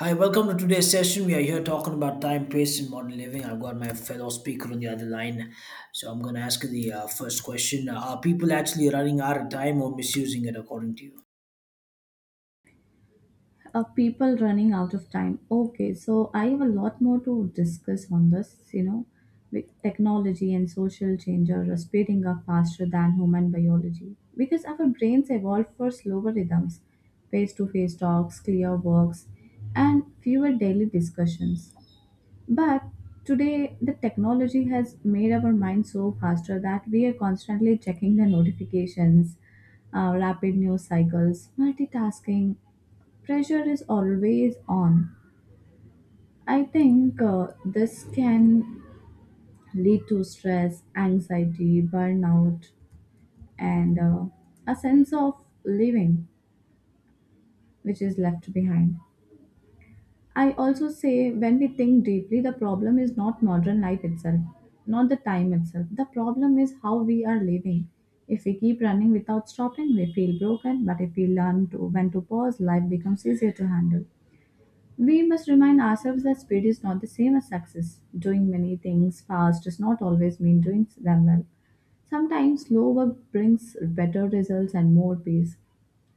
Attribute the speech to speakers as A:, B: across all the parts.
A: Hi, welcome to today's session. We are here talking about time, pace, and modern living. I've got my fellow speaker on the other line, so I'm going to ask you the first question: Are people actually running out of time or misusing it, according to you?
B: People running out of time. Okay, so I have a lot more to discuss on this, you know, with technology and social change are speeding up faster than human biology because our brains evolved for slower rhythms, face to face talks, clear works, and fewer daily discussions. But today, the technology has made our minds so faster that we are constantly checking the notifications, rapid news cycles, multitasking. Pressure is always on. I think this can lead to stress, anxiety, burnout, and a sense of living which is left behind. I also say when we think deeply, the problem is not modern life itself, not the time itself. The problem is how we are living. If we keep running without stopping, we feel broken, but if we learn to when to pause, life becomes easier to handle. We must remind ourselves that speed is not the same as success. Doing many things fast does not always mean doing them well. Sometimes slow work brings better results and more peace.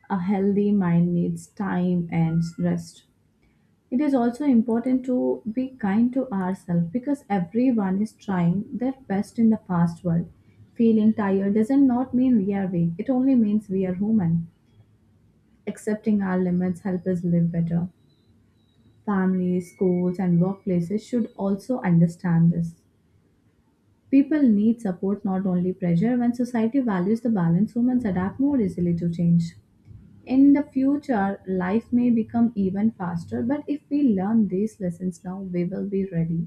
B: A healthy mind needs time and rest. It is also important to be kind to ourselves because everyone is trying their best in the fast world. Feeling tired doesn't not mean we are weak, it only means we are human. Accepting our limits help us live better. Families, schools and workplaces should also understand this. People need support not only pressure when society values the balance humans adapt more easily to change. In the future, life may become even faster, but if we learn these lessons now, we will be ready.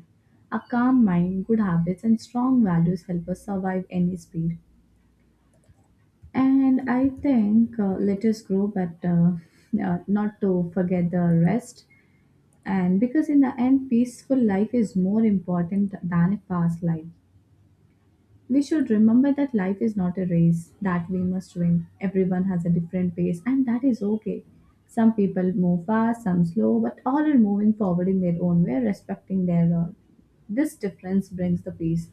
B: A calm mind, good habits, and strong values help us survive any speed. And I think let us grow, but not to forget the rest. And because in the end, peaceful life is more important than a fast life. We should remember that life is not a race that we must win. Everyone has a different pace, and that is okay. Some people move fast, some slow, but all are moving forward in their own way, respecting their own. This difference brings the peace.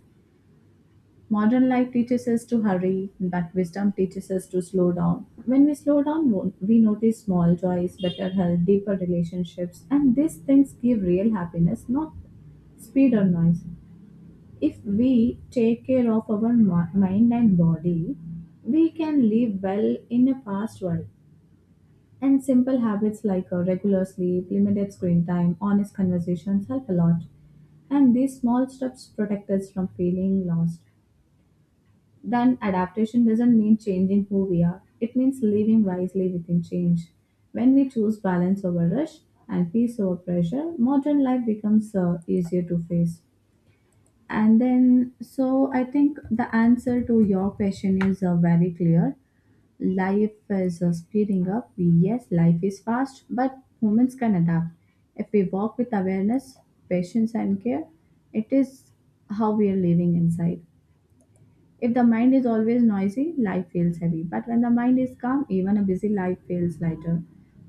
B: Modern life teaches us to hurry, but wisdom teaches us to slow down. When we slow down, we notice small joys, better health, deeper relationships, and these things give real happiness, not speed or noise. If we take care of our mind and body, we can live well in a fast world. And simple habits like regular sleep, limited screen time, honest conversations help a lot. And these small steps protect us from feeling lost. Then, adaptation doesn't mean changing who we are, it means living wisely within change. When we choose balance over rush and peace over pressure, modern life becomes easier to face. And then, so I think the answer to your question is very clear. Life is speeding up. Yes, life is fast, but humans can adapt. If we walk with awareness, patience, and care, it is how we are living inside. If the mind is always noisy, life feels heavy. But when the mind is calm, even a busy life feels lighter.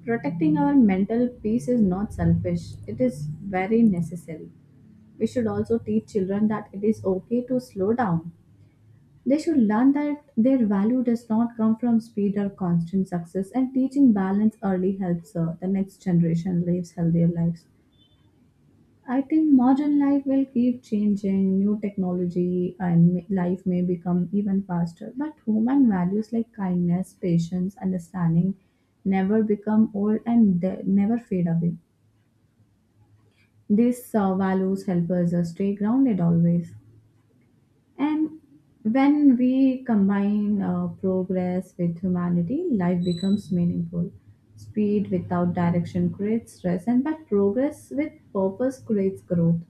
B: Protecting our mental peace is not selfish, it is very necessary. We should also teach children that it is okay to slow down. They should learn that their value does not come from speed or constant success, and teaching balance early helps the next generation lives healthier lives. I think modern life will keep changing, new technology and life may become even faster, but human values like kindness, patience, understanding never become old and never fade away. These values help us stay grounded always. And when we combine progress with humanity, life becomes meaningful. Speed without direction creates stress, and but progress with purpose creates growth.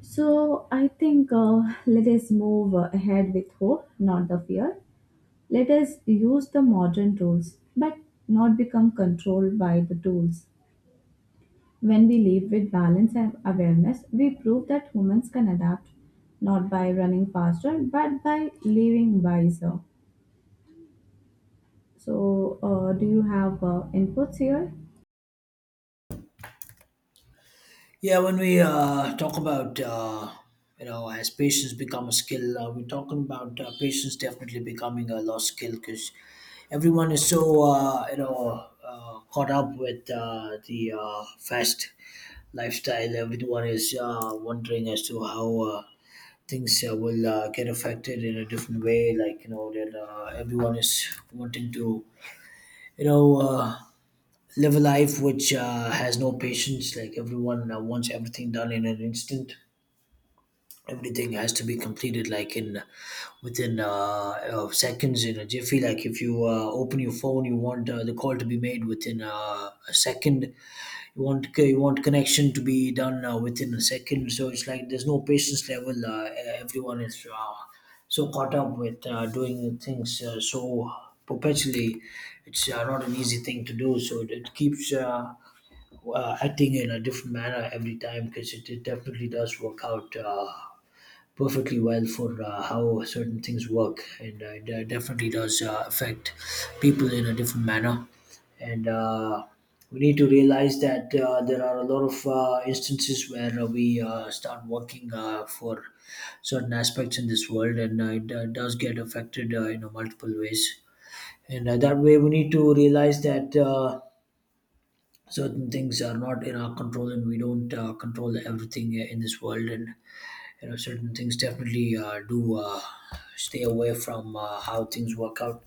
B: So I think let us move ahead with hope, not the fear. Let us use the modern tools, but not become controlled by the tools. When we live with balance and awareness, we prove that humans can adapt not by running faster but by living wiser. So, do you have inputs here?
A: Yeah, when we talk about you know as patience become a skill, we're talking about patience definitely becoming a lost skill because everyone is so you know caught up with the fast lifestyle. Everyone is wondering as to how. Things will get affected in a different way, like you know that everyone is wanting to you know uh, live a life which has no patience. Like everyone wants everything done in an instant. Everything has to be completed, like, in within seconds, in a jiffy. Like, if you open your phone, you want the call to be made within a second. You want connection to be done within a second. So it's like there's no patience level. Everyone is so caught up with doing things so perpetually. It's not an easy thing to do. So it keeps. Acting in a different manner every time, because it definitely does work out perfectly well for how certain things work, and it definitely does affect people in a different manner, and we need to realize that there are a lot of instances where we start working for certain aspects in this world, and it does get affected in multiple ways, and that way we need to realize that certain things are not in our control and we don't control everything in this world. And you know certain things definitely do stay away from how things work out.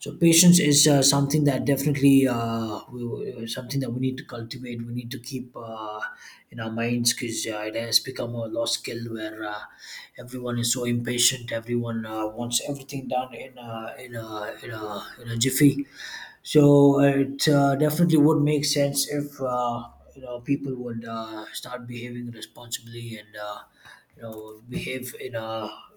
A: So patience is something that definitely something that we need to cultivate. We need to keep in our minds, because it has become a lost skill where everyone is so impatient. Everyone wants everything done in a jiffy. So it definitely would make sense if you know people would start behaving responsibly and you know behave in a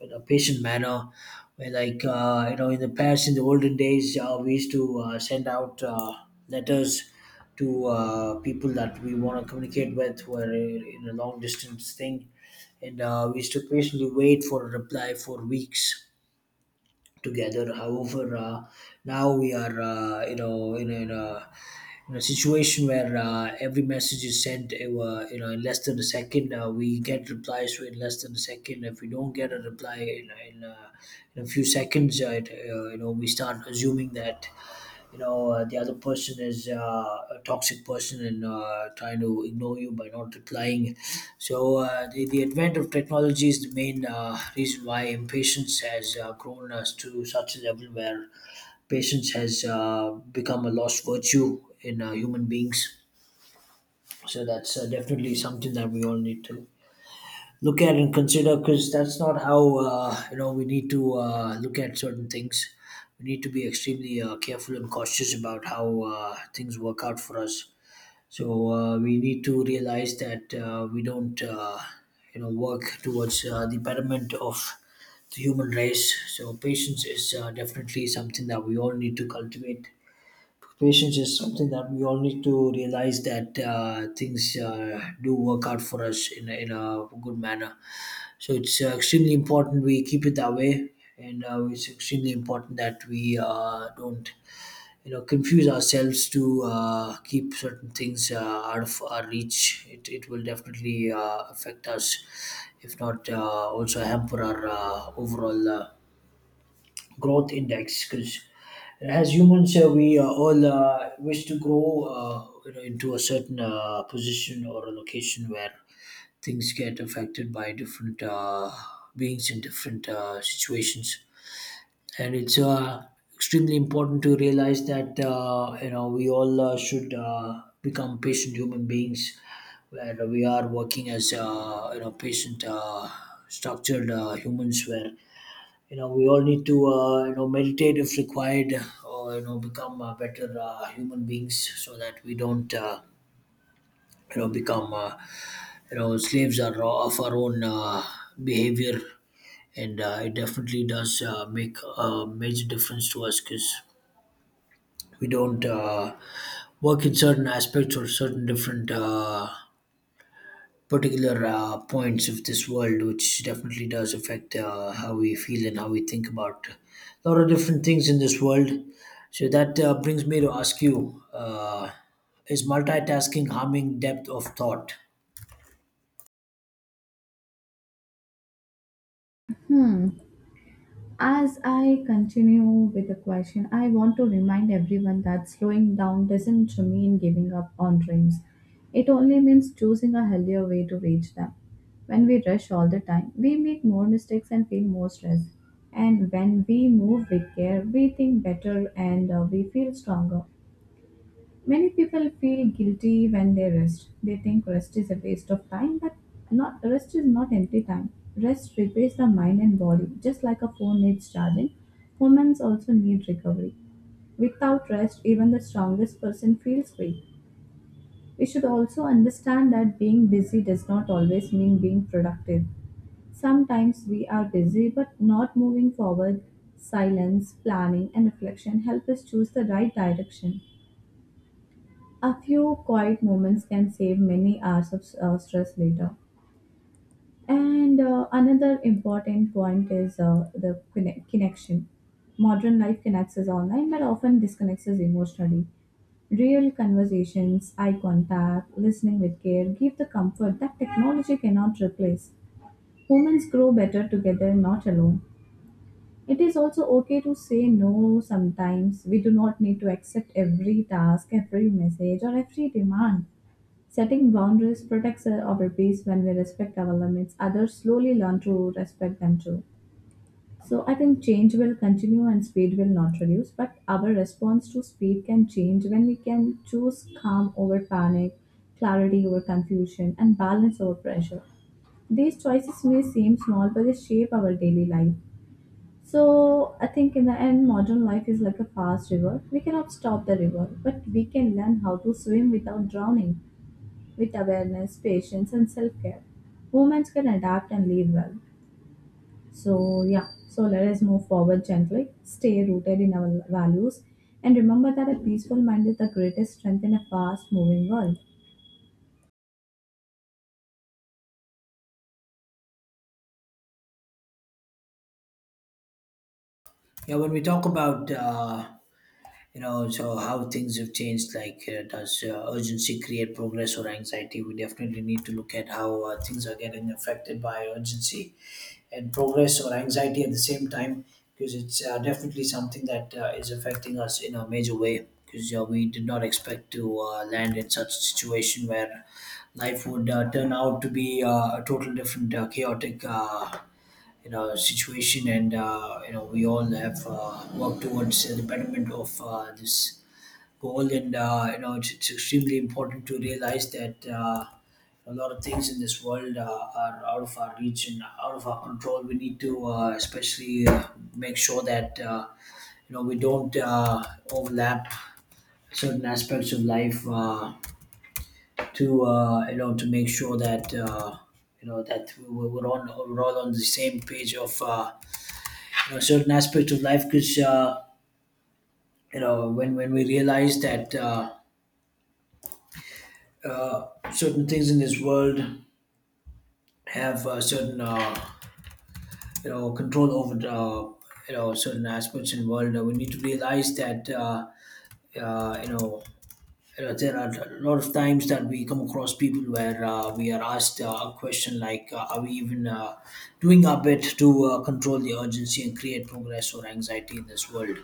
A: patient manner. Where, like, you know, in the past, in the olden days, we used to send out letters to people that we want to communicate with who are in a long distance thing, and we used to patiently wait for a reply for weeks together. However, now we are you know in a situation where every message is sent you know in less than a second. We get replies so in less than a second. If we don't get a reply in a few seconds, it, you know, we start assuming that you know the other person is a toxic person and trying to ignore you by not replying. So the advent of technology is the main reason why impatience has grown us to such a level where patience has become a lost virtue in human beings. So that's definitely something that we all need to look at and consider, because that's not how you know we need to look at certain things. We need to be extremely careful and cautious about how things work out for us. So we need to realize that we don't you know work towards the betterment of the human race. So patience is definitely something that we all need to cultivate. Patience is something that we all need to realize that things do work out for us in a good manner. So it's extremely important we keep it that way, and it's extremely important that we don't, you know, confuse ourselves to keep certain things out of our reach. It will definitely affect us, if not also hamper our overall growth index. Because as humans, we all wish to grow, you know, into a certain position or a location where things get affected by different beings in different situations, and it's extremely important to realize that you know we all should become patient human beings, where we are working as you know patient, structured humans, where you know we all need to you know meditate if required, or you know become better human beings, so that we don't you know become you know slaves of our own behavior, and it definitely does make a major difference to us, because we don't work in certain aspects or certain different particular points of this world, which definitely does affect how we feel and how we think about a lot of different things in this world. So that brings me to ask you: Is multitasking harming depth of thought?
B: Hmm. As I continue with the question, I want to remind everyone that slowing down doesn't mean giving up on dreams. It only means choosing a healthier way to reach them. When we rush all the time, we make more mistakes and feel more stress. And when we move with care, we think better and we feel stronger. Many people feel guilty when they rest. They think rest is a waste of time, but not rest is not empty time. Rest repairs the mind and body, just like a phone needs charging. Humans also need recovery. Without rest, even the strongest person feels weak. We should also understand that being busy does not always mean being productive. Sometimes we are busy but not moving forward. Silence, planning, and reflection help us choose the right direction. A few quiet moments can save many hours of stress later. And another important point is the connection. Modern life connects us online but often disconnects us emotionally. Real conversations, eye contact, listening with care give the comfort that technology cannot replace. Humans grow better together, not alone. It is also okay to say no sometimes. We do not need to accept every task, every message, or every demand. Setting boundaries protects our peace when we respect our limits. Others slowly learn to respect them too. So I think change will continue and speed will not reduce, but our response to speed can change when we can choose calm over panic, clarity over confusion, and balance over pressure. These choices may seem small, but they shape our daily life. So I think in the end, modern life is like a fast river. We cannot stop the river, but we can learn how to swim without drowning with awareness, patience, and self care, humans can adapt and live well. So, yeah, so let us move forward gently, stay rooted in our values, and remember that a peaceful mind is the greatest strength in a fast moving world.
A: Yeah, when we talk about you know so how things have changed, like, does urgency create progress or anxiety? We definitely need to look at how things are getting affected by urgency and progress or anxiety at the same time, because it's definitely something that is affecting us in a major way, because we did not expect to land in such a situation where life would turn out to be a total different chaotic, you know situation. And you know we all have worked towards the betterment of this goal. And you know it's extremely important to realize that a lot of things in this world are out of our reach and out of our control. We need to especially make sure that you know we don't overlap certain aspects of life to you know to make sure that you know that we're on we're all on the same page of certain aspects of life. Because you know when we realize that uh, certain things in this world have certain you know control over you know certain aspects in the world, we need to realize that you know there are a lot of times that we come across people where we are asked a question like, are we even doing our bit to control the urgency and create progress or anxiety in this world?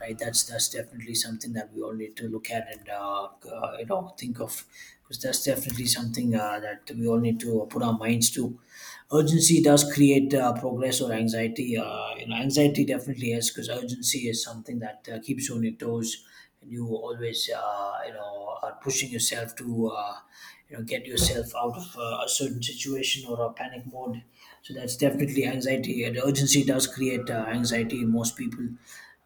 A: Right. That's definitely something that we all need to look at and you know think of, because that's definitely something that we all need to put our minds to. Urgency does create progress or anxiety. You know, anxiety definitely is, because urgency is something that keeps you on your toes, and you always, you know, are pushing yourself to, you know, get yourself out of a certain situation or a panic mode. So that's definitely anxiety. And urgency does create anxiety in most people.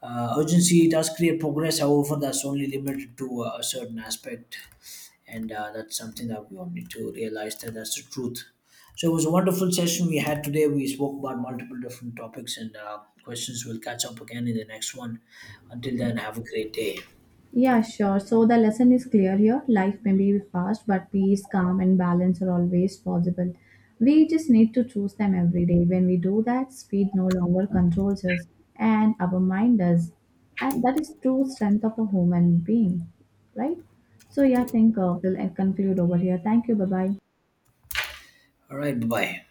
A: Urgency does create progress, however, that's only limited to a certain aspect, and that's something that we all need to realize, that that's the truth. So it was a wonderful session we had today. We spoke about multiple different topics and questions. We'll catch up again in the next one. Until then, have a great day.
B: Yeah, sure. So the lesson is clear here. Life may be fast, but peace, calm, and balance are always possible. We just need to choose them every day. When we do that, speed no longer controls us, and our mind does. And that is true strength of a human being, right? So yeah, I think we'll conclude over here. Thank you. Bye bye.
A: All right, bye bye.